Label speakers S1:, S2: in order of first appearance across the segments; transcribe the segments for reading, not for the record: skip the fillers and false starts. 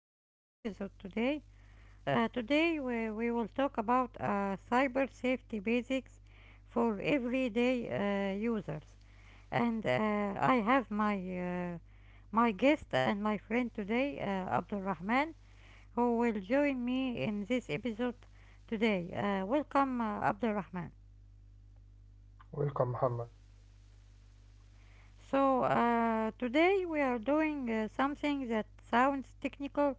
S1: to our episode today. Today we will talk about cyber safety basics for everyday users. And I have my guest and my friend today, Abdul Rahman, who will join me in this episode today. Welcome, Abdul Rahman.
S2: Welcome, Muhammad.
S1: So today we are doing something that sounds technical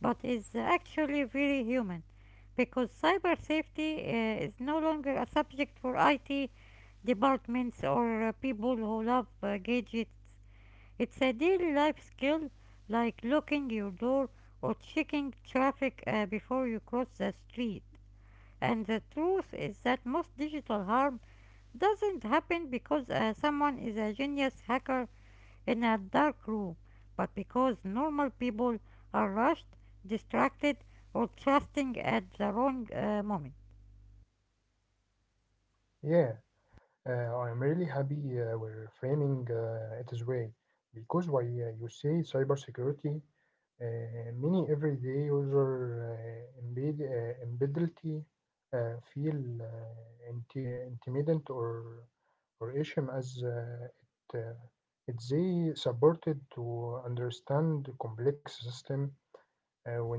S1: but is actually very human because cyber safety is no longer a subject for IT departments or people who love gadgets. It's a daily life skill like locking your door or checking traffic before you cross the street. And the truth is that most digital harm doesn't happen because someone is a genius hacker in a dark room, but because normal people are rushed, distracted, or trusting at the wrong moment.
S2: Yeah, I'm really happy we're framing it this way because why you say cybersecurity, uh, many everyday user embeddability feel intimidated or ashamed as it they supported to understand complex system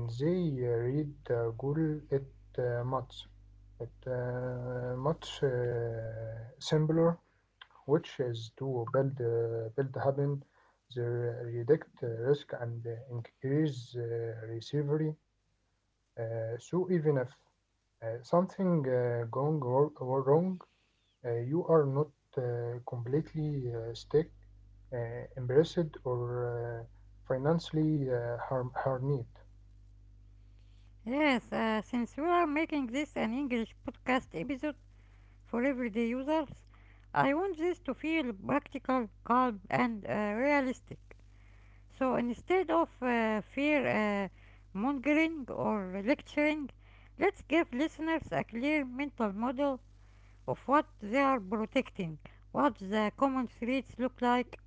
S2: when they read Google it much. It much, simpler, which is to build build having the reduct risk and increase recovery. So even if something going wrong, you are not completely stuck, embarrassed, or uh, financially harmed.
S1: Yes, since we are making this an English podcast episode for everyday users, I want this to feel practical, calm, and realistic. So instead of fear mongering or lecturing, let's give listeners a clear mental model of what they are protecting, what the common threats look like,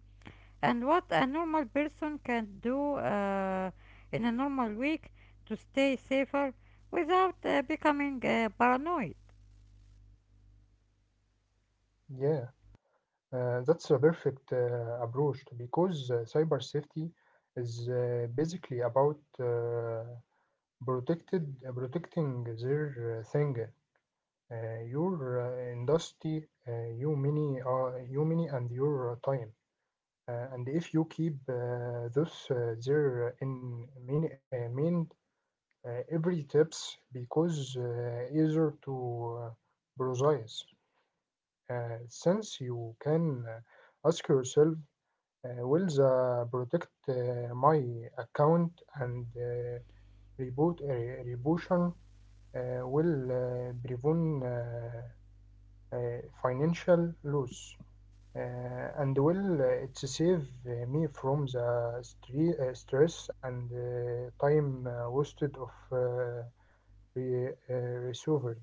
S1: and what a normal person can do in a normal week to stay safer without becoming paranoid.
S2: Yeah. That's a perfect approach because cyber safety is basically about protected protecting their thing, your industry, you many, and your time. And if you keep those mind every tips because easier to precise since you can ask yourself will the protect my account and rebootion will prevent financial loss and will it save me from the stress and time wasted of re- uh, recovery.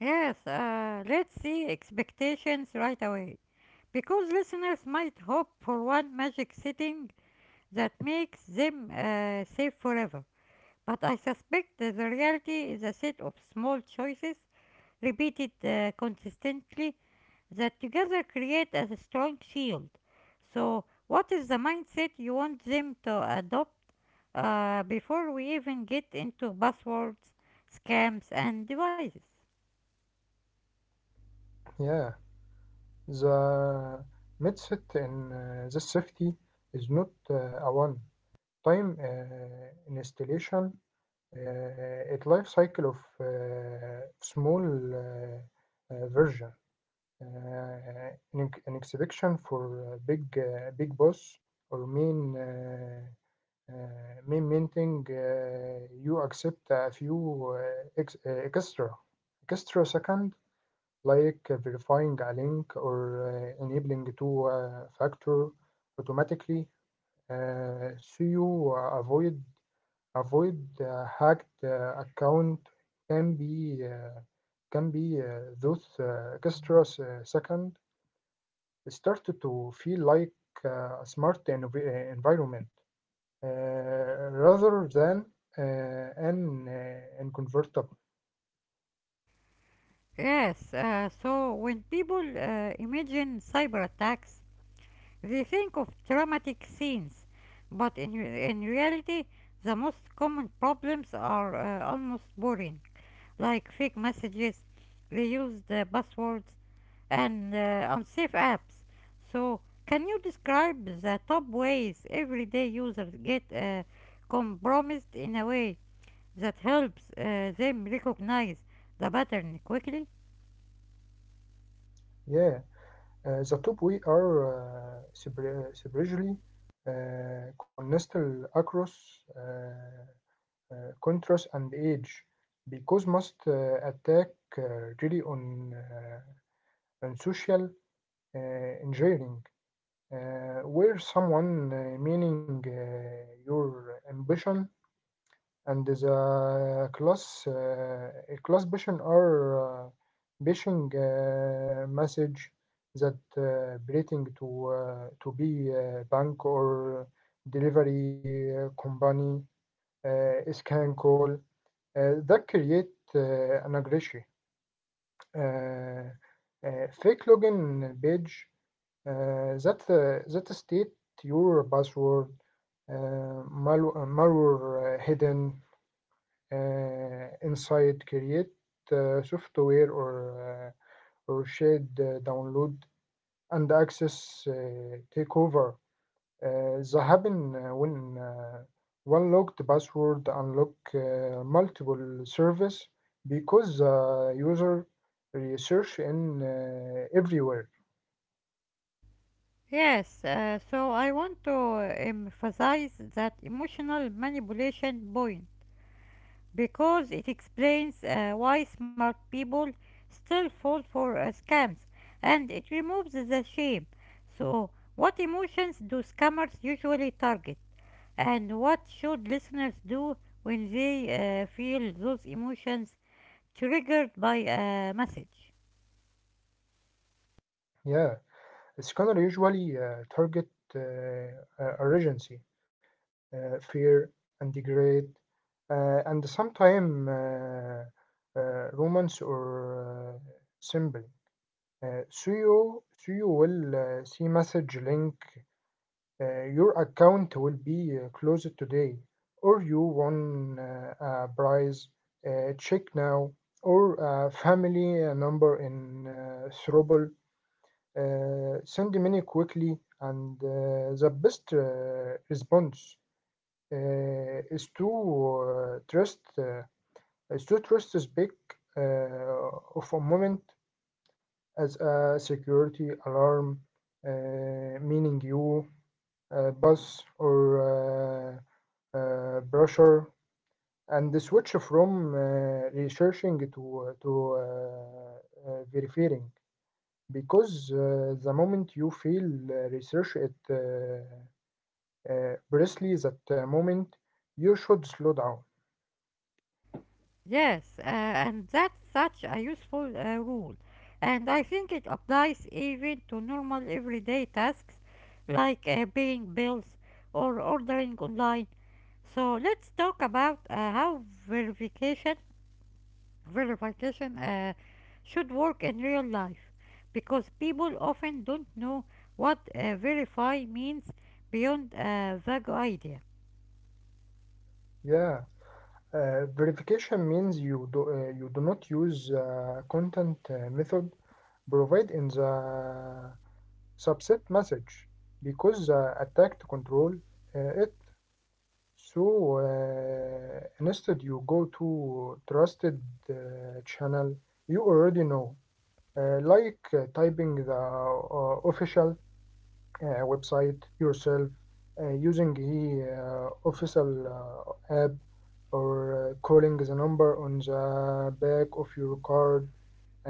S1: Yes, let's see expectations right away. Because listeners might hope for one magic setting that makes them safe forever. But I suspect that the reality is a set of small choices, repeated consistently, that together create a strong shield. So, what is the mindset you want them to adopt before we even get into buzzwords, scams, and devices?
S2: Yeah, the mindset in the safety is not a one. Time installation, it life cycle of small version, uh, an, an exhibition for big boss or main main minting. You accept a few extra second like verifying a link or enabling two factor automatically so you avoid hacked account can be those second start to feel like a smart environment rather than uh, an inconvertible.
S1: Yes, so when people imagine cyber attacks, we think of dramatic scenes, but in reality, the most common problems are almost boring, like fake messages, reused passwords, and unsafe apps. So, can you describe the top ways everyday users get compromised in a way that helps them recognize the pattern quickly?
S2: Yeah, the top we are separately connected across uh, contrast and age because most attack uh, rely on social uh, engineering, where someone meaning your ambition and the class class vision are pushing message that breathing to to be a bank or delivery company is can call that create an aggression, uh, fake login page, that state your password, malware hidden inside, create software or or shared download and access takeover. The happen when one locked password unlock multiple service because the user research in everywhere.
S1: Yes, so I want to emphasize that emotional manipulation point because it explains why smart people still fall for scams, and it removes the shame. So, what emotions do scammers usually target and what should listeners do when they feel those emotions triggered by a message?
S2: Yeah, the scanner usually target urgency, fear, and degrade, and sometimes romance or symbol. So you will see message link. Your account will be closed today, or you won a prize. Check now, or a family number in trouble. Send money quickly, and the best response is to trust is to trust this big uh, of a moment as a security alarm, uh, meaning you bus or brochure and the switch from researching to verifying because the moment you feel research it precisely that moment you should slow down.
S1: Yes, and that's such a useful rule. And I think it applies even to normal everyday tasks like paying bills or ordering online. So let's talk about how verification should work in real life because people often don't know what verify means beyond a vague idea.
S2: Yeah, verification means you do not use content method provided in the subset message because the attack to control it. So, instead, you go to trusted uh, channel you already know, like typing the official website yourself, using the official app, or calling the number on the back of your card,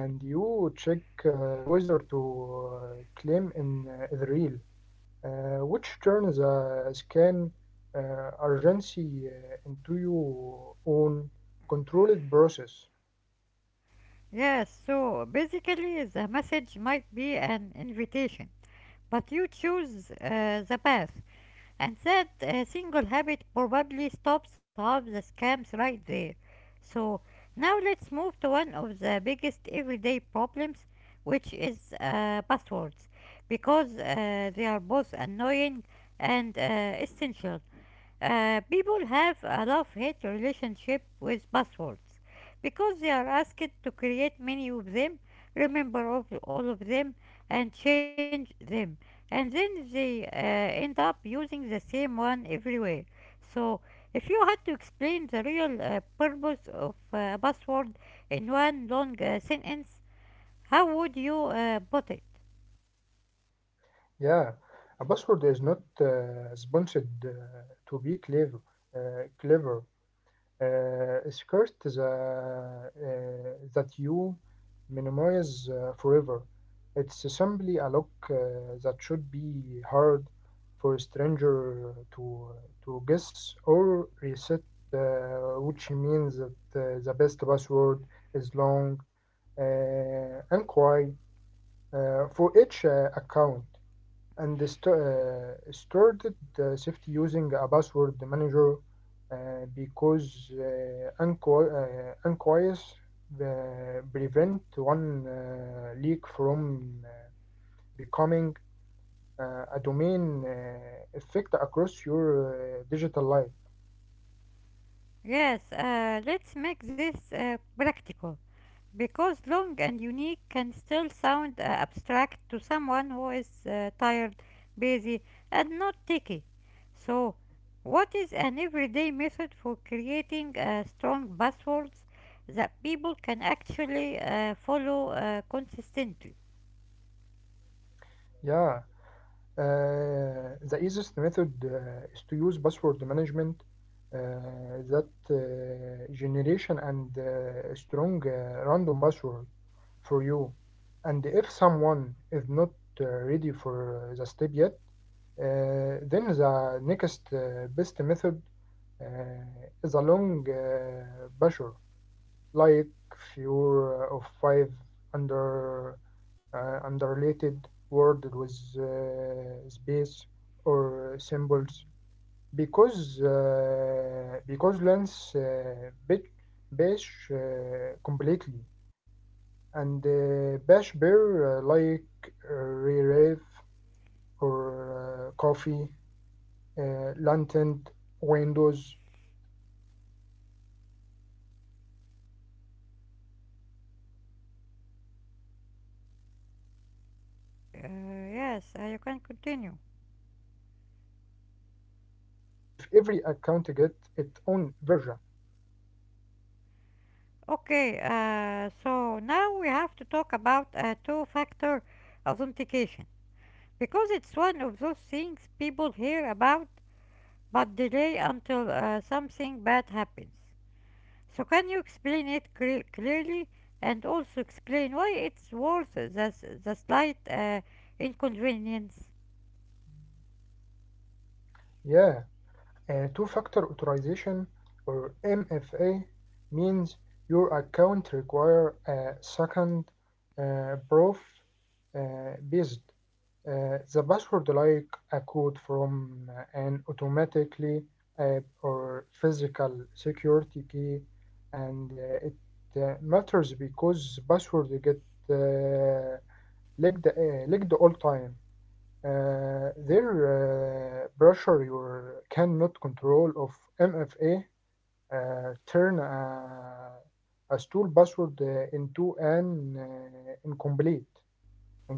S2: and you check whether to uh, claim in the real, which turns a scan urgency into your own controlled process.
S1: Yes, so basically the message might be an invitation, but you choose the path, and that single habit probably stops half the scams right there. So now let's move to one of the biggest everyday problems, which is passwords, because they are both annoying and essential. People have a love-hate relationship with buzzwords because they are asked to create many of them, remember all of them, and change them, and then they end up using the same one everywhere. So, if you had to explain the real purpose of a buzzword in one long sentence, how would you put it?
S2: Yeah, a password is not sponsored to be clever. Uh, clever. Skirt the, that you memorize forever. It's simply a look that should be hard for a stranger to guess or reset, which means that the best password is long uh, and quiet for each account and stored the safety using a password manager because unquies prevent one leak from becoming a domain effect across your digital life.
S1: Yes, let's make this practical. Because long and unique can still sound abstract to someone who is tired, busy, and not techy. So, what is an everyday method for creating strong buzzwords that people can actually follow consistently?
S2: Yeah, uh, the easiest method is to use password management. That generation and strong random password for you. And if someone is not ready for the step yet, then the next best method uh, is a long pressure, like few of five under underrated word with space or symbols because lens bitch bash completely and bash beer like Rave or Coffee, Lantern, Windows, and Mango. Uh, is, the, is both hard to create and easy to type,
S1: Uh,
S2: especially
S1: yes, you can
S2: if
S1: continue.
S2: every account get its own version.
S1: Okay, so now we have to talk about two factor authentication because it's one of those things people hear about but delay until something bad happens. So, can you explain it clearly and also explain why it's worth the slight inconvenience?
S2: Yeah. Two-factor authorization or MFA means your account require a second proof based the password like a code from an automatically or physical security key and it matters because password get uh, leaked all time their pressure you cannot control of MFA turn a stool password into an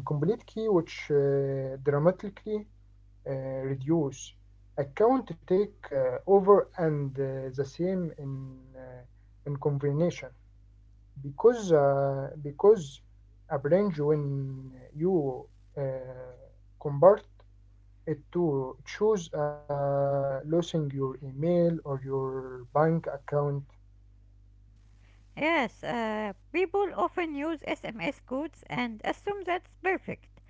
S2: incomplete key which dramatically uh, reduce account take over and the same in combination because a branch when you uh, convert it to choose losing your email or your bank account.
S1: Yes, people often use SMS codes and assume that's perfect,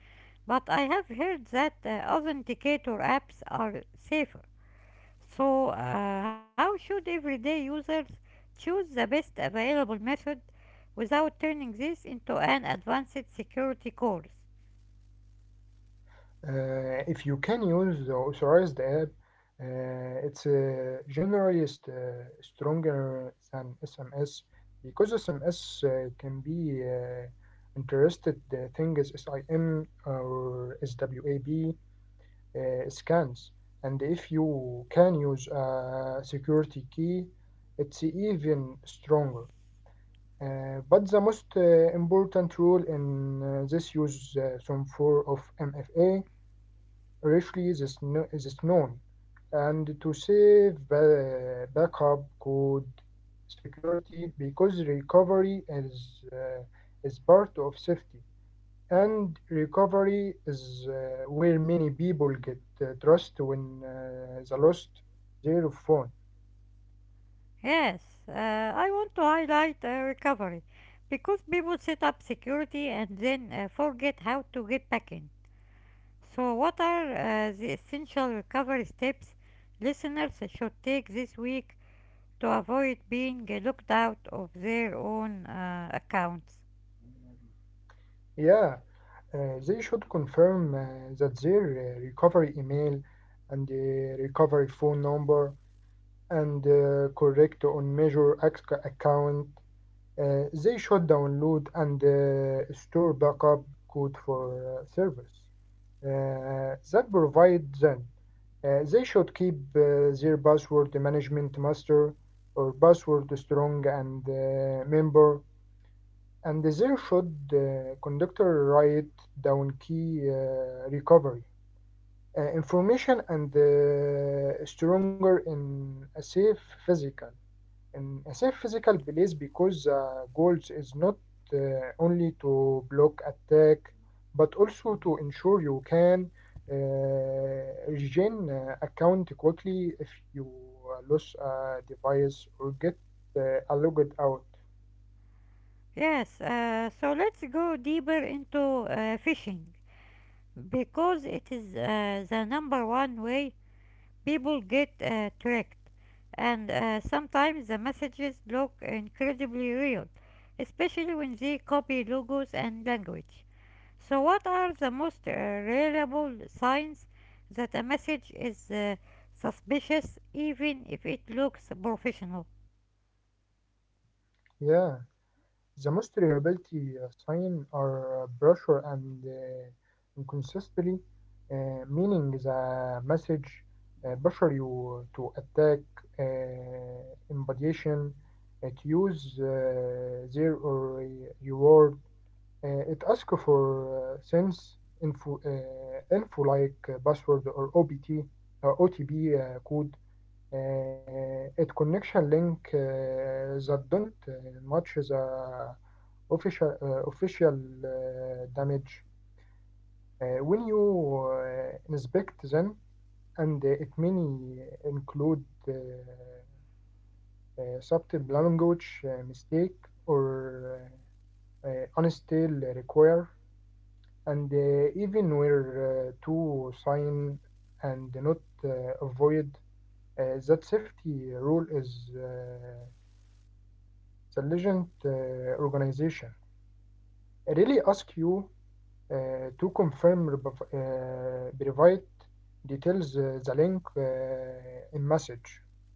S1: but I have heard that authenticator apps are safer. So, how should everyday users choose the best available method without turning this into an advanced security course?
S2: If you can use the authorized app, it's generally stronger than SMS because SMS can be interested thing is SIM or SWAB scans. And if you can use a security key, it's even stronger. But the most important rule in this use, some form of MFA, richly is, is known, and to save backup code security because recovery is part of safety. And recovery is where many people get trust when they lost their phone.
S1: Yes, I want to highlight recovery because people set up security and then forget how to get back in. So, what are the essential recovery steps listeners should take this week to avoid being locked out of their own accounts?
S2: Yeah, they should confirm that their recovery email and the recovery phone number and correct on major account. They should download and store backup code for servers that provide them. They should keep their password management master or password strong and member and there should conductor write down key recovery information and stronger in a safe physical. physical place because goals is not uh, only to block attack but also to ensure you can uh, regain account quickly if you lose a device or get logged out.
S1: Yes, so let's go deeper into fishing because it is the number one way people get tricked, and sometimes the messages look incredibly real, especially when they copy logos and language. So, what are the most reliable signs that a message is suspicious, even if it looks professional?
S2: Yeah. The most reliability sign are pressure and inconsistency, uh, meaning the message pressure you to attack uh, embodiation, it use their or reward, uh, it ask for info like password or OBT, OTP code. It connection link that don't match the official damage when you inspect them and it may include subtle language mistake or unstable require and even where to sign and not avoid that safety rule is intelligent organization I really ask you to confirm verify details the link in message.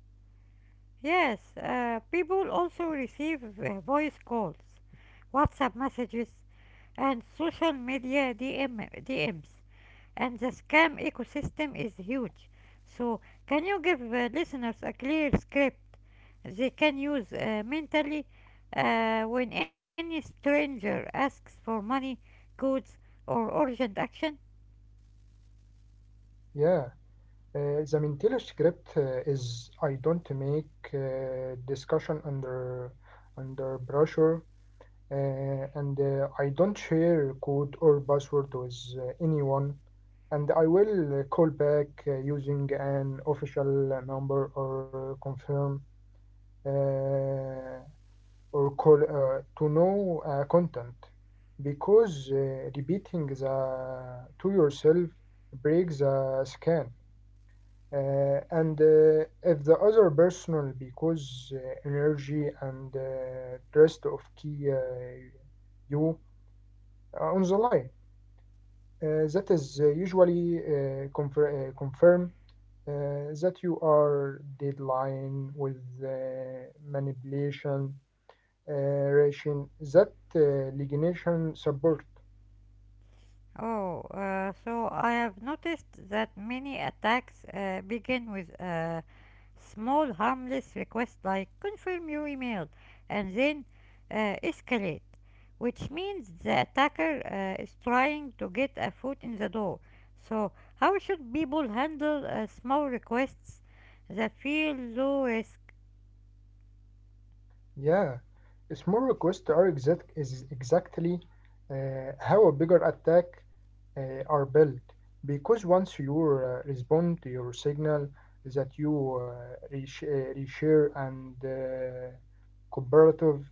S1: Yes, people also receive voice calls, WhatsApp messages, and social media DMs, and the scam ecosystem is huge. So, can you give listeners a clear script they can use mentally when any stranger asks for money, goods, or urgent action?
S2: Yeah, the mental script is I don't make discussion under pressure, and I don't share code or password with anyone. And I will call back using an official number or confirm uh, to know content because repeating the to yourself breaks the scan and if the other personal because energy and rest of key you are on the line that is usually confirm that you are deadline with manipulation. Uh, Rachel, is that lignation support?
S1: Oh, so I have noticed that many attacks begin with small harmless requests like confirm your email and then escalate, which means the attacker is trying to get a foot in the door. So how should people handle small requests that feel low risk?
S2: Yeah, a small requests are exactly how a bigger attack are built. Because once you respond to your signal that you reshare and cooperative,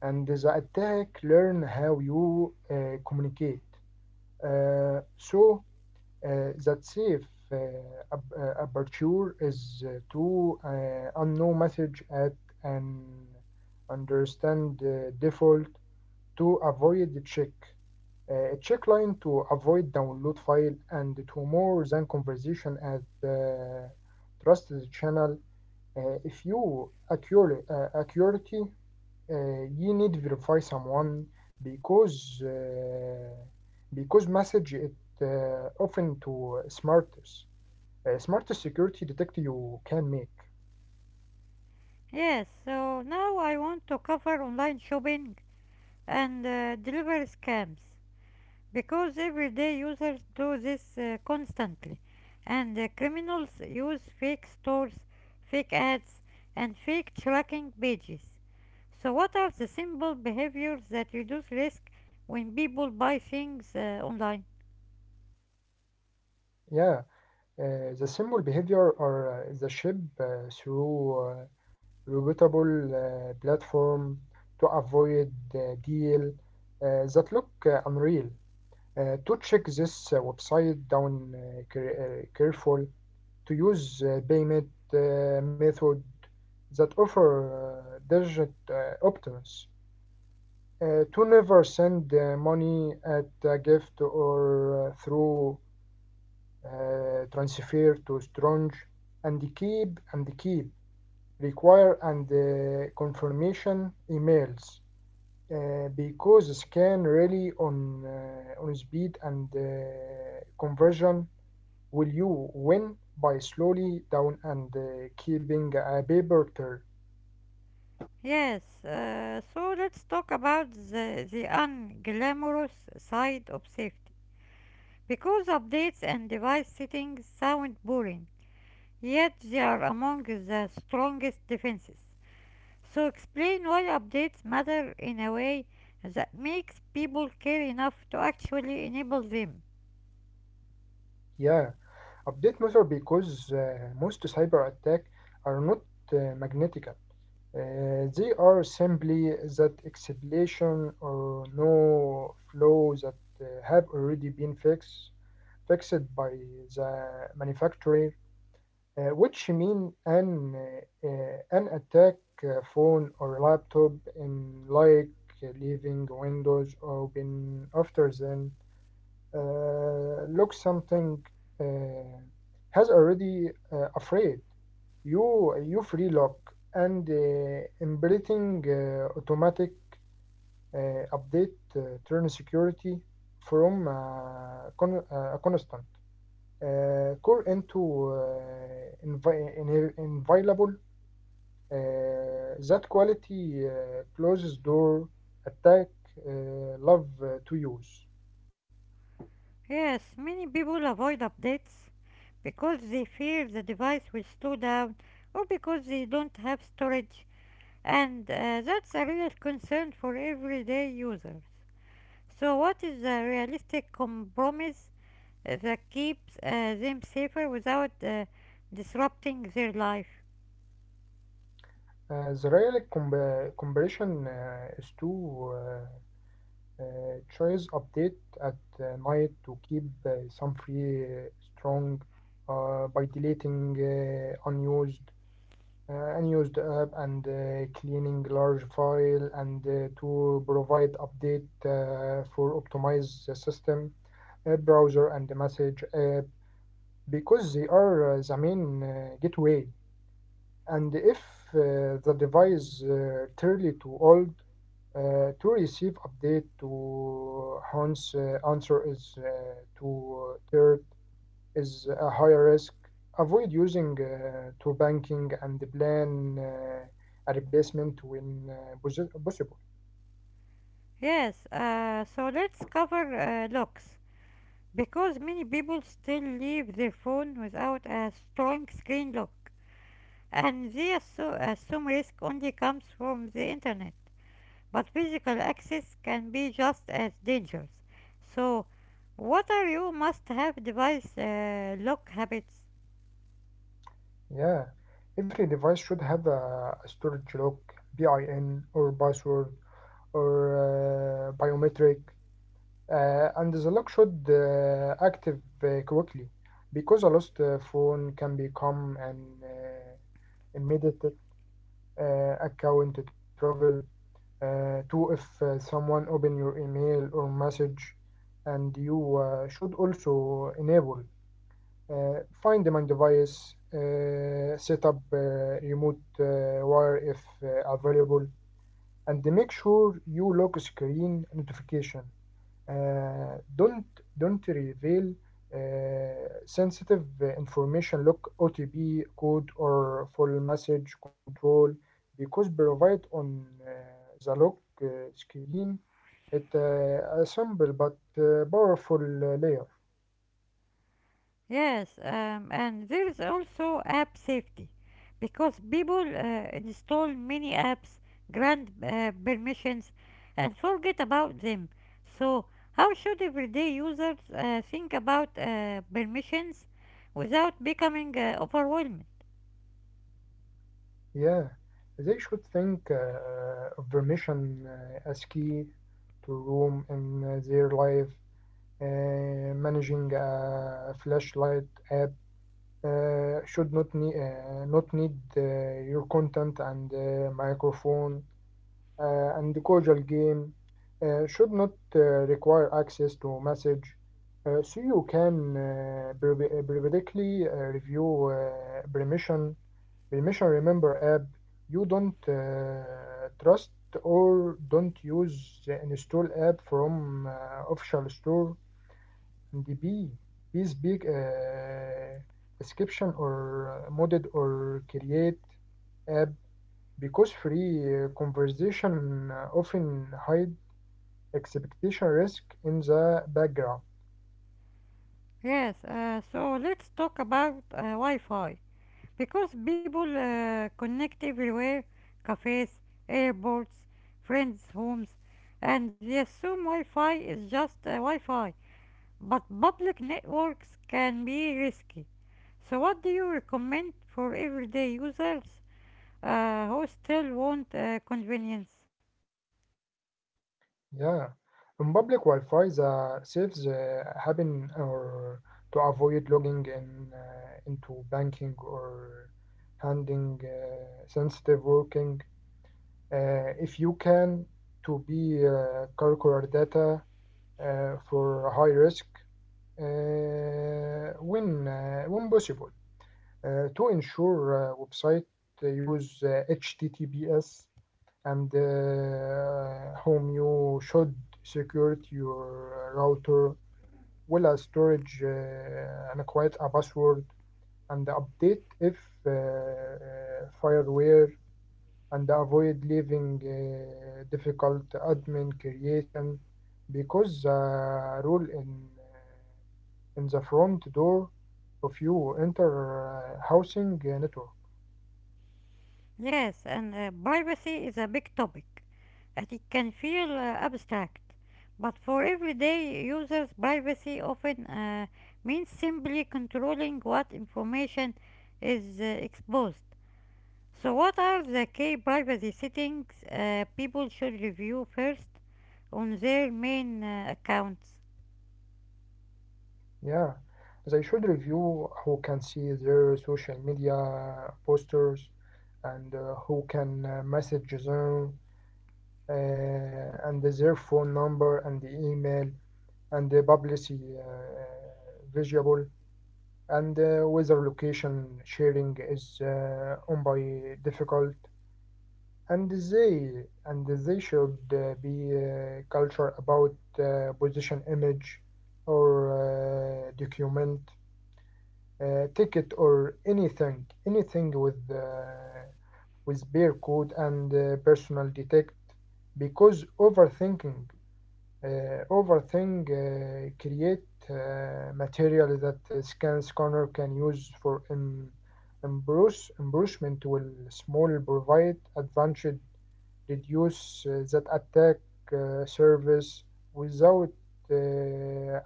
S2: and the attack learn how you communicate. So that safe uh, aperture is to unknown message at an understand default to avoid the check, a check line to avoid download file and to more than conversation at trusted channel. Uh, if you accurate accuracy, you need verify someone because uh, because message it often to smartest smartest security detect you can make.
S1: Yes, so now I want to cover online shopping and delivery scams because everyday users do this constantly, and criminals use fake stores, fake ads, and fake tracking pages. So, what are the simple behaviors that reduce risk when people buy things online?
S2: Yeah, the simple behavior or the ship uh, through repeatable platform to avoid deal that look unreal. To check this website down careful to use payment method that offer digit options, to never send money at a gift or through transfer to strange, and keep require and confirmation emails because scan really on speed and conversion. Will you win by slowly down and keeping a paper trail?
S1: Yes, so let's talk about the unglamorous side of safety. Because updates and device settings sound boring, yet they are among the strongest defenses. So explain why updates matter in a way that makes people care enough to actually enable them.
S2: Yeah, update matter because most cyber attack are not magnetic. They are simply that explosion or no flow that have already been fixed by the manufacturer, which mean an attack phone or laptop in like leaving windows open after then look something uh, has already afraid you free lock, and embedding automatic update turn security from a constant core into inviolable. That quality closes door attack love to use.
S1: Yes, many people avoid updates because they fear the device will slow down or because they don't have storage, and that's a real concern for everyday users. So, what is the realistic compromise that keeps them safer without disrupting their life?
S2: The real comparison is too. Choice update at night to keep some free strong, by deleting unused app and cleaning large file and to provide update for optimize the system, browser and the message app because they are the main gateway. And if the device clearly too old to receive update, to hence answer is to third is a higher risk, avoid using to banking and plan a replacement when possible.
S1: Yes, so let's cover locks because many people still leave their phone without a strong screen lock, and they assume risk only comes from the internet. But physical access can be just as dangerous. So, what are your must-have device lock habits?
S2: Yeah, every device should have a storage lock, bin or password, or biometric. And the lock should active quickly because a lost phone can become an immediate account travel. Two, if someone open your email or message, and you should also enable find my device, set up remote wire if available, and make sure you lock screen notification. Uh, don't don't reveal sensitive information like OTP code or full message control because provide on the lock screen, it a simple but powerful layer.
S1: Yes, and there is also app safety because people install many apps, grant permissions, and forget about them. So, how should everyday users think about permissions without becoming overwhelmed?
S2: Yeah, they should think of permission as key to room in their life. Managing a flashlight app should not need not need your content and microphone, and the cordial game should not require access to message. So you can periodically review permission, remember app you don't trust or don't use, install app from official store. And the bee. Is big description or modded or create app because free conversation often hide expectation risk in the background.
S1: Yes, so let's talk about Wi Fi, because people connect everywhere: cafes, airports, friends' homes, and yes, assume Wi Fi is just Wi Fi. But public networks can be risky. So, what do you recommend for everyday users who still want convenience?
S2: Yeah. In public Wi-Fi, the saves happen or to avoid logging in into banking or handing sensitive working. If you can to be calcular data for high risk uh, when when possible. To ensure website use HTTPS, and whom you should secure your router well as storage, and quite a password and update if uh, uh, fireware, and avoid leaving difficult admin creation because the rule uh, in the front door if you enter housing network.
S1: Yes, and privacy is a big topic, and it can feel abstract. But for everyday users, privacy often means simply controlling what information is exposed. So, what are the key privacy settings people should review first on their main accounts?
S2: Yeah, they should review who can see their social media posters, and who can message them, and their phone number and the email and the publicity visible, and whether location sharing is on by difficult. And they and they should be culture about position image or document ticket or anything with beer code and personal detect because overthink create material that scanner can use for improves, improvement will small provide advantage, reduce that attack service without uh,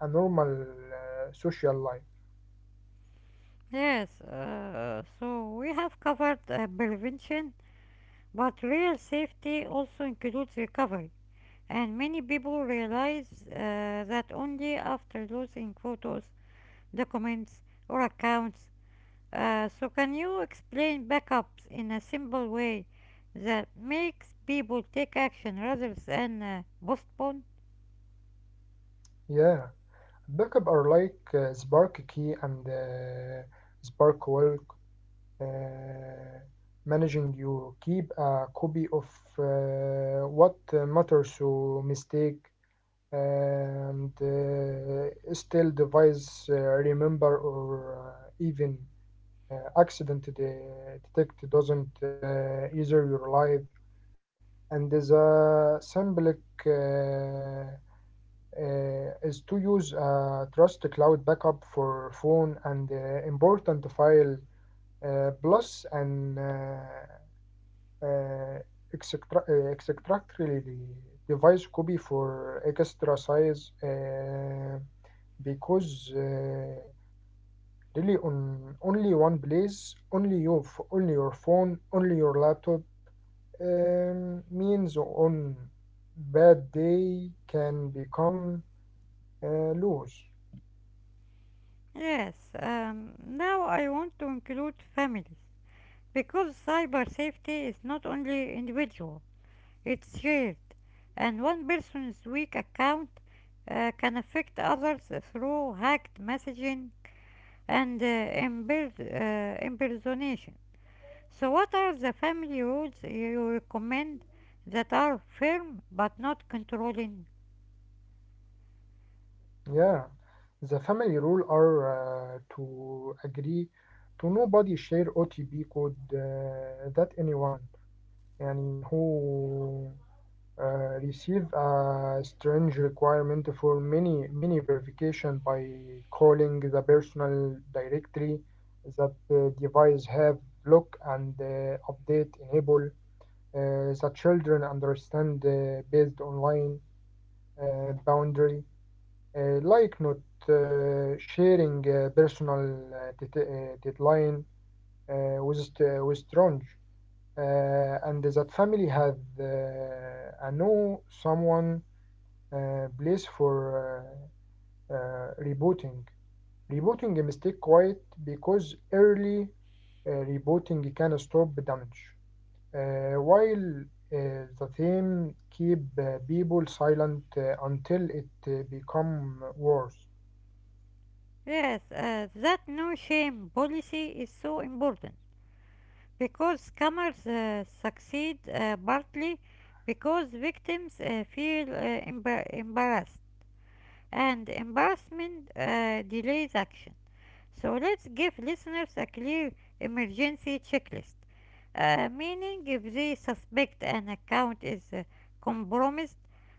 S2: a normal social life.
S1: Yes, so we have covered prevention, but real safety also includes recovery, and many people realize that only after losing photos, documents, or accounts. So, can you explain backups in a simple way that makes people take action rather than postpone?
S2: Yeah, backup are like spark key and spark wallet, uh, managing you keep a copy of what matters to mistake, and still device remember or even accident detect doesn't either your life. And the symbolic is to use a trust cloud backup for phone and important file, plus and uh, extractly device copy for extra size, because really on only one place, only you, only your phone, only your laptop, means on bad day can become loose.
S1: Yes, now I want to include families because cyber safety is not only individual, it's shared, and one person's weak account can affect others through hacked messaging, and impersonation. So, what are the family rules you recommend that are firm but not controlling?
S2: Yeah, the family rule are to agree to nobody share OTP code that anyone يعني who receive a strange requirement for many verification by calling the personal directory that the device have look, and update enable. The children understand based online boundary, like not sharing personal det- deadline with st- with strange, and that family had I know someone place for rebooting. Rebooting a mistake quite because early rebooting can stop damage, while the theme keep people silent until it become worse.
S1: Yes, that no shame policy is so important because scammers succeed partly because victims feel embarrassed, and embarrassment delays action. So let's give listeners a clear emergency checklist. Meaning, if they suspect an account is compromised,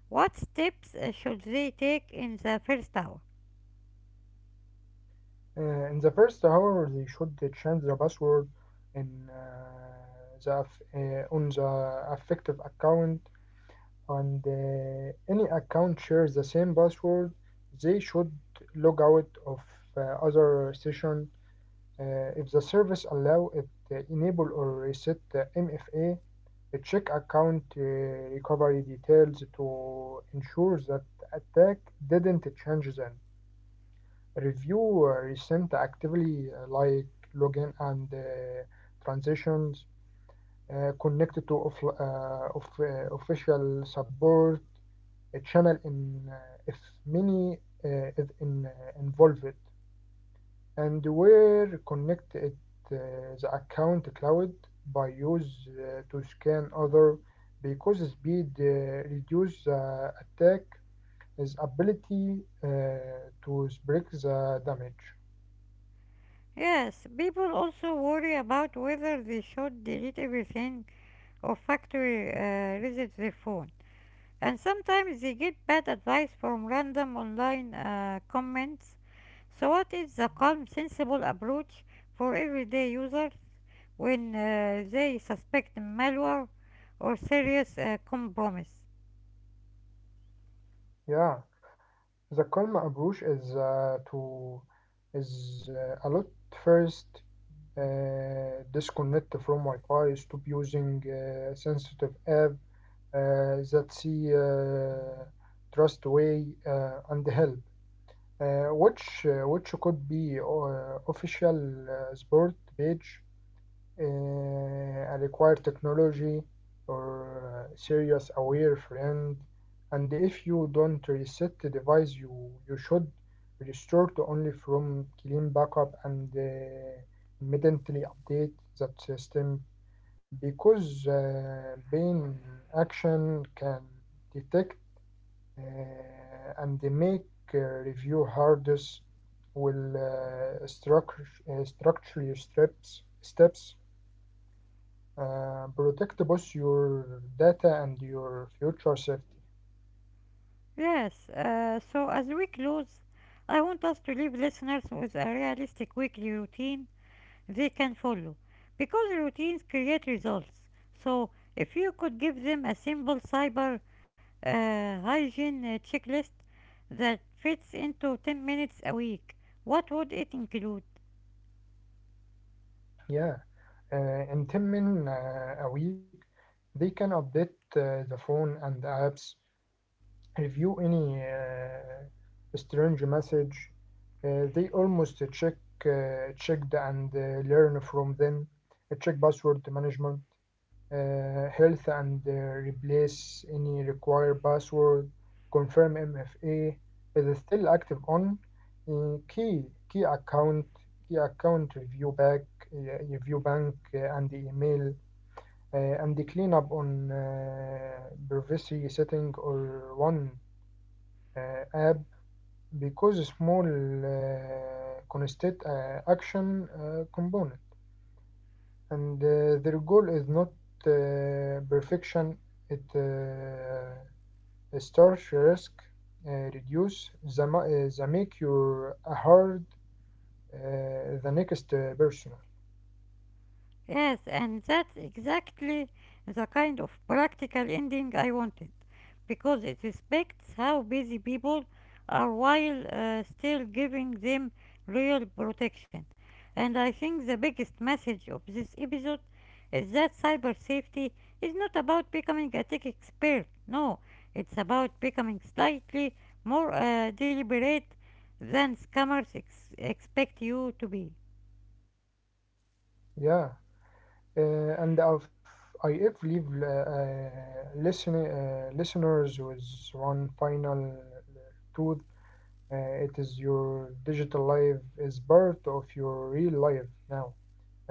S1: what steps should they take in the first hour?
S2: In the first hour, they should change the password in the aff- on the affective account, and any account shares the same password. They should log out of uh, other session. If the service allow it, enable or reset the MFA. Check account recovery details to ensure that attack didn't change them. Review recent actively like login and transitions, connect to off, of, official support channel in if many is in, involved, and where connect it uh, the account cloud by use to scan other because speed reduce the attack is ability to break the damage.
S1: Yes, people also worry about whether they should delete everything or factory reset their phone. And sometimes they get bad advice from random online comments. So what is the calm, sensible approach for everyday users when they suspect malware or serious compromise?
S2: Yeah, the Kalm approach is to is a lot first disconnect from Wi-Fi, stop using sensitive app that see trust way and help, which could be official sport page uh, require technology or serious aware friend and if you don't reset the device you you should restore to only from clean backup and immediately update that system because being action can detect uh, and they make review hardest will structure, structure your steps steps protect both your data and your future safety.
S1: Yes, so as we close, I want us to leave listeners with a realistic weekly routine they can follow because routines create results. So if you could give them a simple cyber hygiene checklist that fits into 10 minutes a week, what would it include?
S2: Yeah, in 10 min a week, they can update the phone and apps, review any strange message. They almost check checked and learn from them. Check password management. Health and replace any required password. Confirm MFA is still active on key key account key account review back review bank and the email and the cleanup on privacy setting or one app because small constant action component and their goal is not perfection. It starts risk, reduce the, ma- the make your hard the next person.
S1: Yes, and that's exactly the kind of practical ending I wanted, because it respects how busy people are while still giving them real protection. And I think the biggest message of this episode is that cyber safety is not about becoming a tech expert. No, it's about becoming slightly more deliberate than scammers expect you to be.
S2: Yeah, and I've, I if leave listen, listeners with one final truth. Uh, it is your digital life is part of your real life now.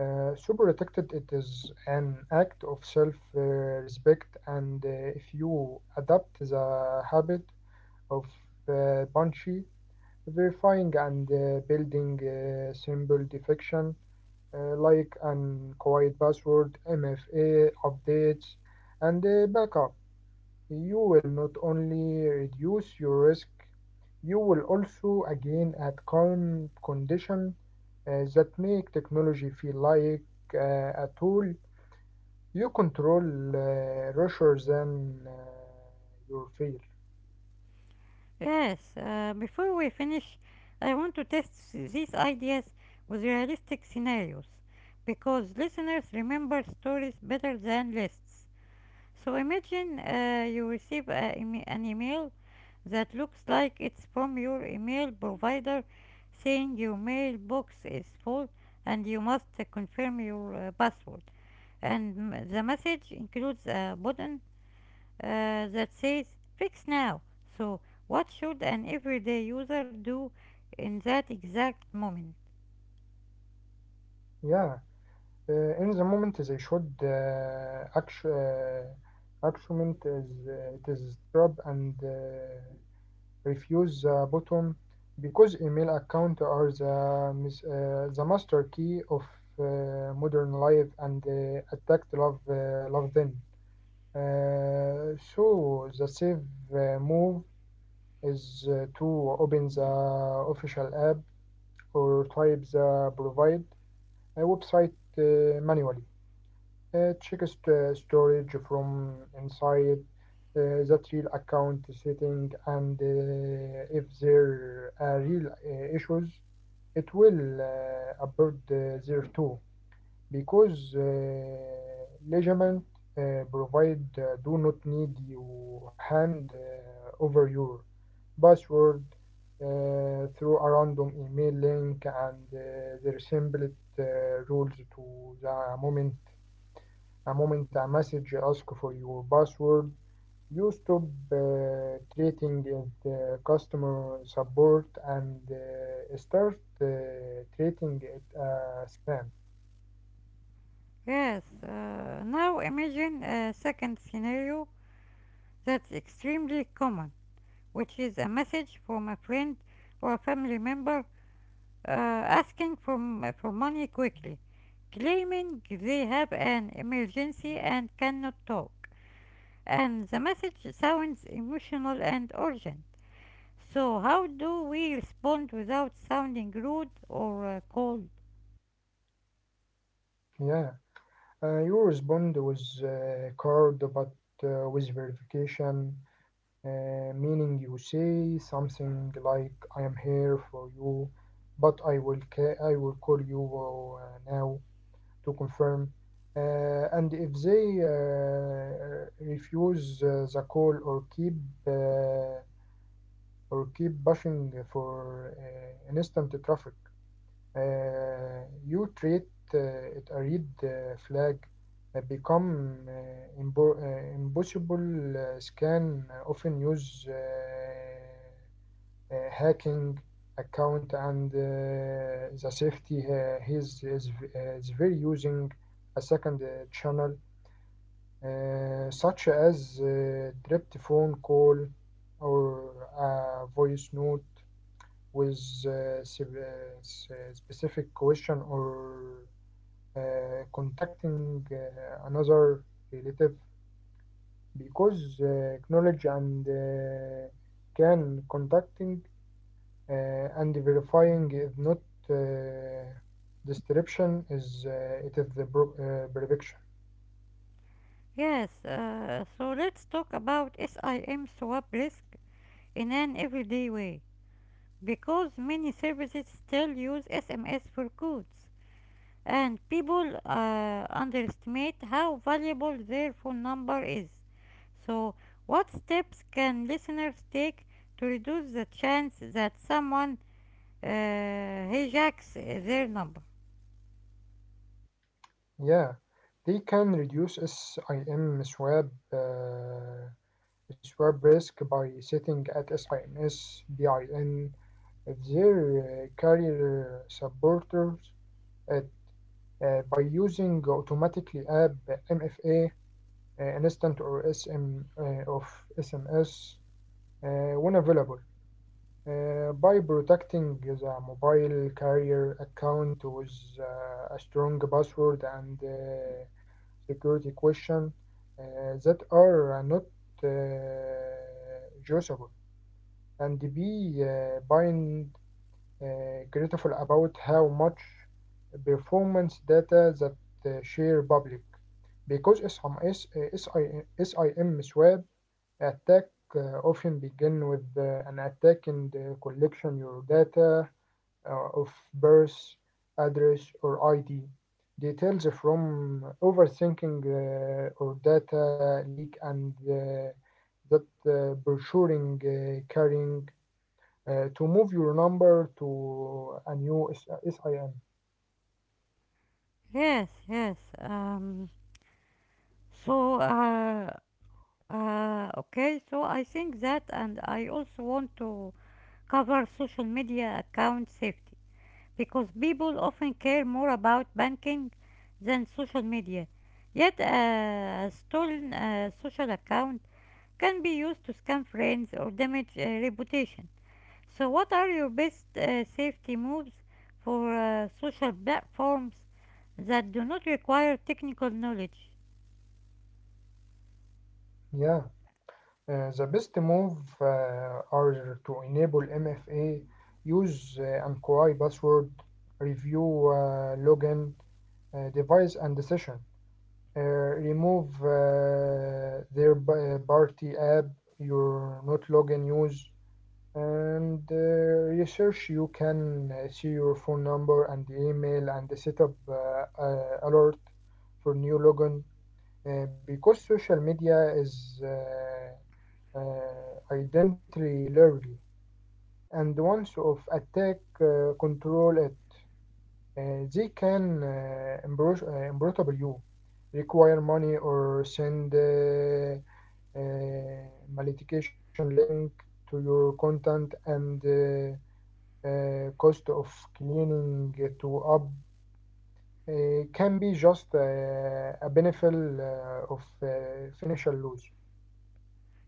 S2: Super protected, it is an act of self respect, and if you adopt the habit of punchy, verifying, and building simple defection like an quiet password, MFA updates, and backup, you will not only reduce your risk you will also again add calm condition that make technology feel like a tool you control rather than your fear.
S1: Yes, before we finish, I want to test these ideas with realistic scenarios because listeners remember stories better than lists. So imagine you receive a, an email that looks like it's from your email provider saying your mailbox is full and you must confirm your password. And the message includes a button that says fix now. So, what should an everyday user do in that exact moment?
S2: Yeah, in the moment they should act, action is it is trap and refuse button because email account are the, mis- the master key of modern life and attacked love, love then. So the safe move is to open the official app or type the provide website manually. Check st- storage from inside that real account setting, and if there are real issues, it will appear there too because measurement provide do not need you hand over your password through a random email link and they resemble it, rules to the moment a moment a message asks for your password, you stop treating it customer support and start treating it as spam.
S1: Yes, now imagine a second scenario that's extremely common, which is a message from a friend or a family member asking for, for money quickly, claiming they have an emergency and cannot talk. And the message sounds emotional and urgent. So, how do we respond without sounding rude or cold?
S2: Yeah, you respond with card but with verification, meaning you say something like "I am here for you," but I will ca- I will call you now. To confirm. And if they refuse the call or keep pushing for instant traffic, you treat it a red flag. Become imbo- impossible scan often use hacking account and the safety is very using a second channel such as direct phone call or a voice note with uh, uh, specific question or contacting another relative because knowledge and can contacting and verifying is not uh, description is it is the bro- prediction
S1: Yes, so let's talk about SIM swap risk in an everyday way. Because many services still use SMS for codes, and people underestimate how valuable their phone number is. So, what steps can listeners take to reduce the chance that someone hijacks their number?
S2: yeah they can reduce sim swab swab risk by setting at sims bin if their carrier supporters it by using automatically app mfa instant or sm of sms when available by protecting the mobile carrier account with a strong password and security question uh, that are not usable and be being critical about how much performance data that share public because SIM, S- SIM SIM swap attack often begin with an attack and collection your data of birth, address, or ID. Details from overthinking or data leak and that brochuring carrying to move your number to a new SIM.
S1: Yes, yes. So, uh, okay, so I think that, and I also want to cover social media account safety because people often care more about banking than social media. Yet, a stolen social account can be used to scam friends or damage reputation. So, what are your best safety moves for social platforms that do not require technical knowledge?
S2: Yeah, the best move are to enable MFA, use an QI password, review login, device, and session. Uh, remove their pa- party app you're not login use and research you can see your phone number and email and set up alert for new login because social media is identity largely and once of attack control it they can embro- imbrotable you require money or send uh, malicious link to your content and cost of cleaning to up can be just a benefit of financial loss.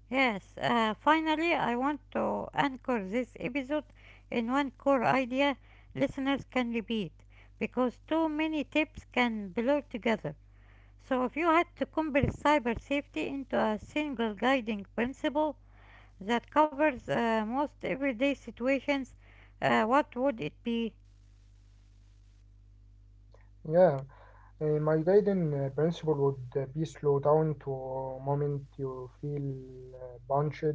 S1: Yes, finally, I want to anchor this episode in one core idea listeners can repeat because too many tips can blur together. So, if you had to compress cyber safety into a single guiding principle that covers most everyday situations, what would it be?
S2: Yeah, my guiding principle would be slow down to moment you feel punched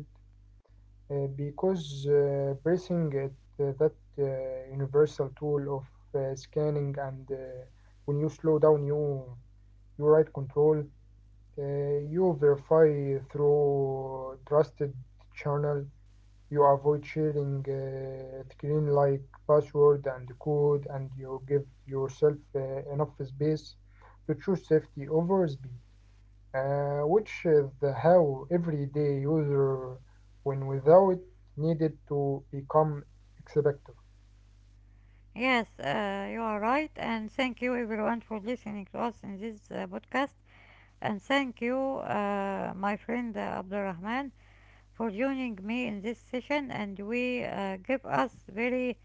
S2: because pressing it, that universal tool of scanning and when you slow down you you write control you verify through trusted channel you avoid sharing screen like password and code and you give yourself enough space to choose safety over speed which is the how everyday user when without needed to become expector.
S1: Yes, you are right, and thank you everyone for listening to us in this podcast. And thank you, my friend Abdurrahman, for joining me in this session, and we give us very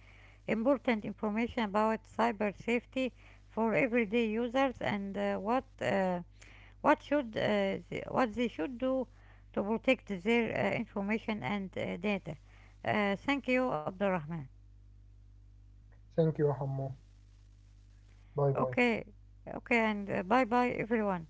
S1: important information about cyber safety for everyday users and what should what they should do to protect their information and data. Thank you, Abdurrahman.
S2: Thank you, Hammo. Bye bye.
S1: Okay, okay, and bye bye everyone.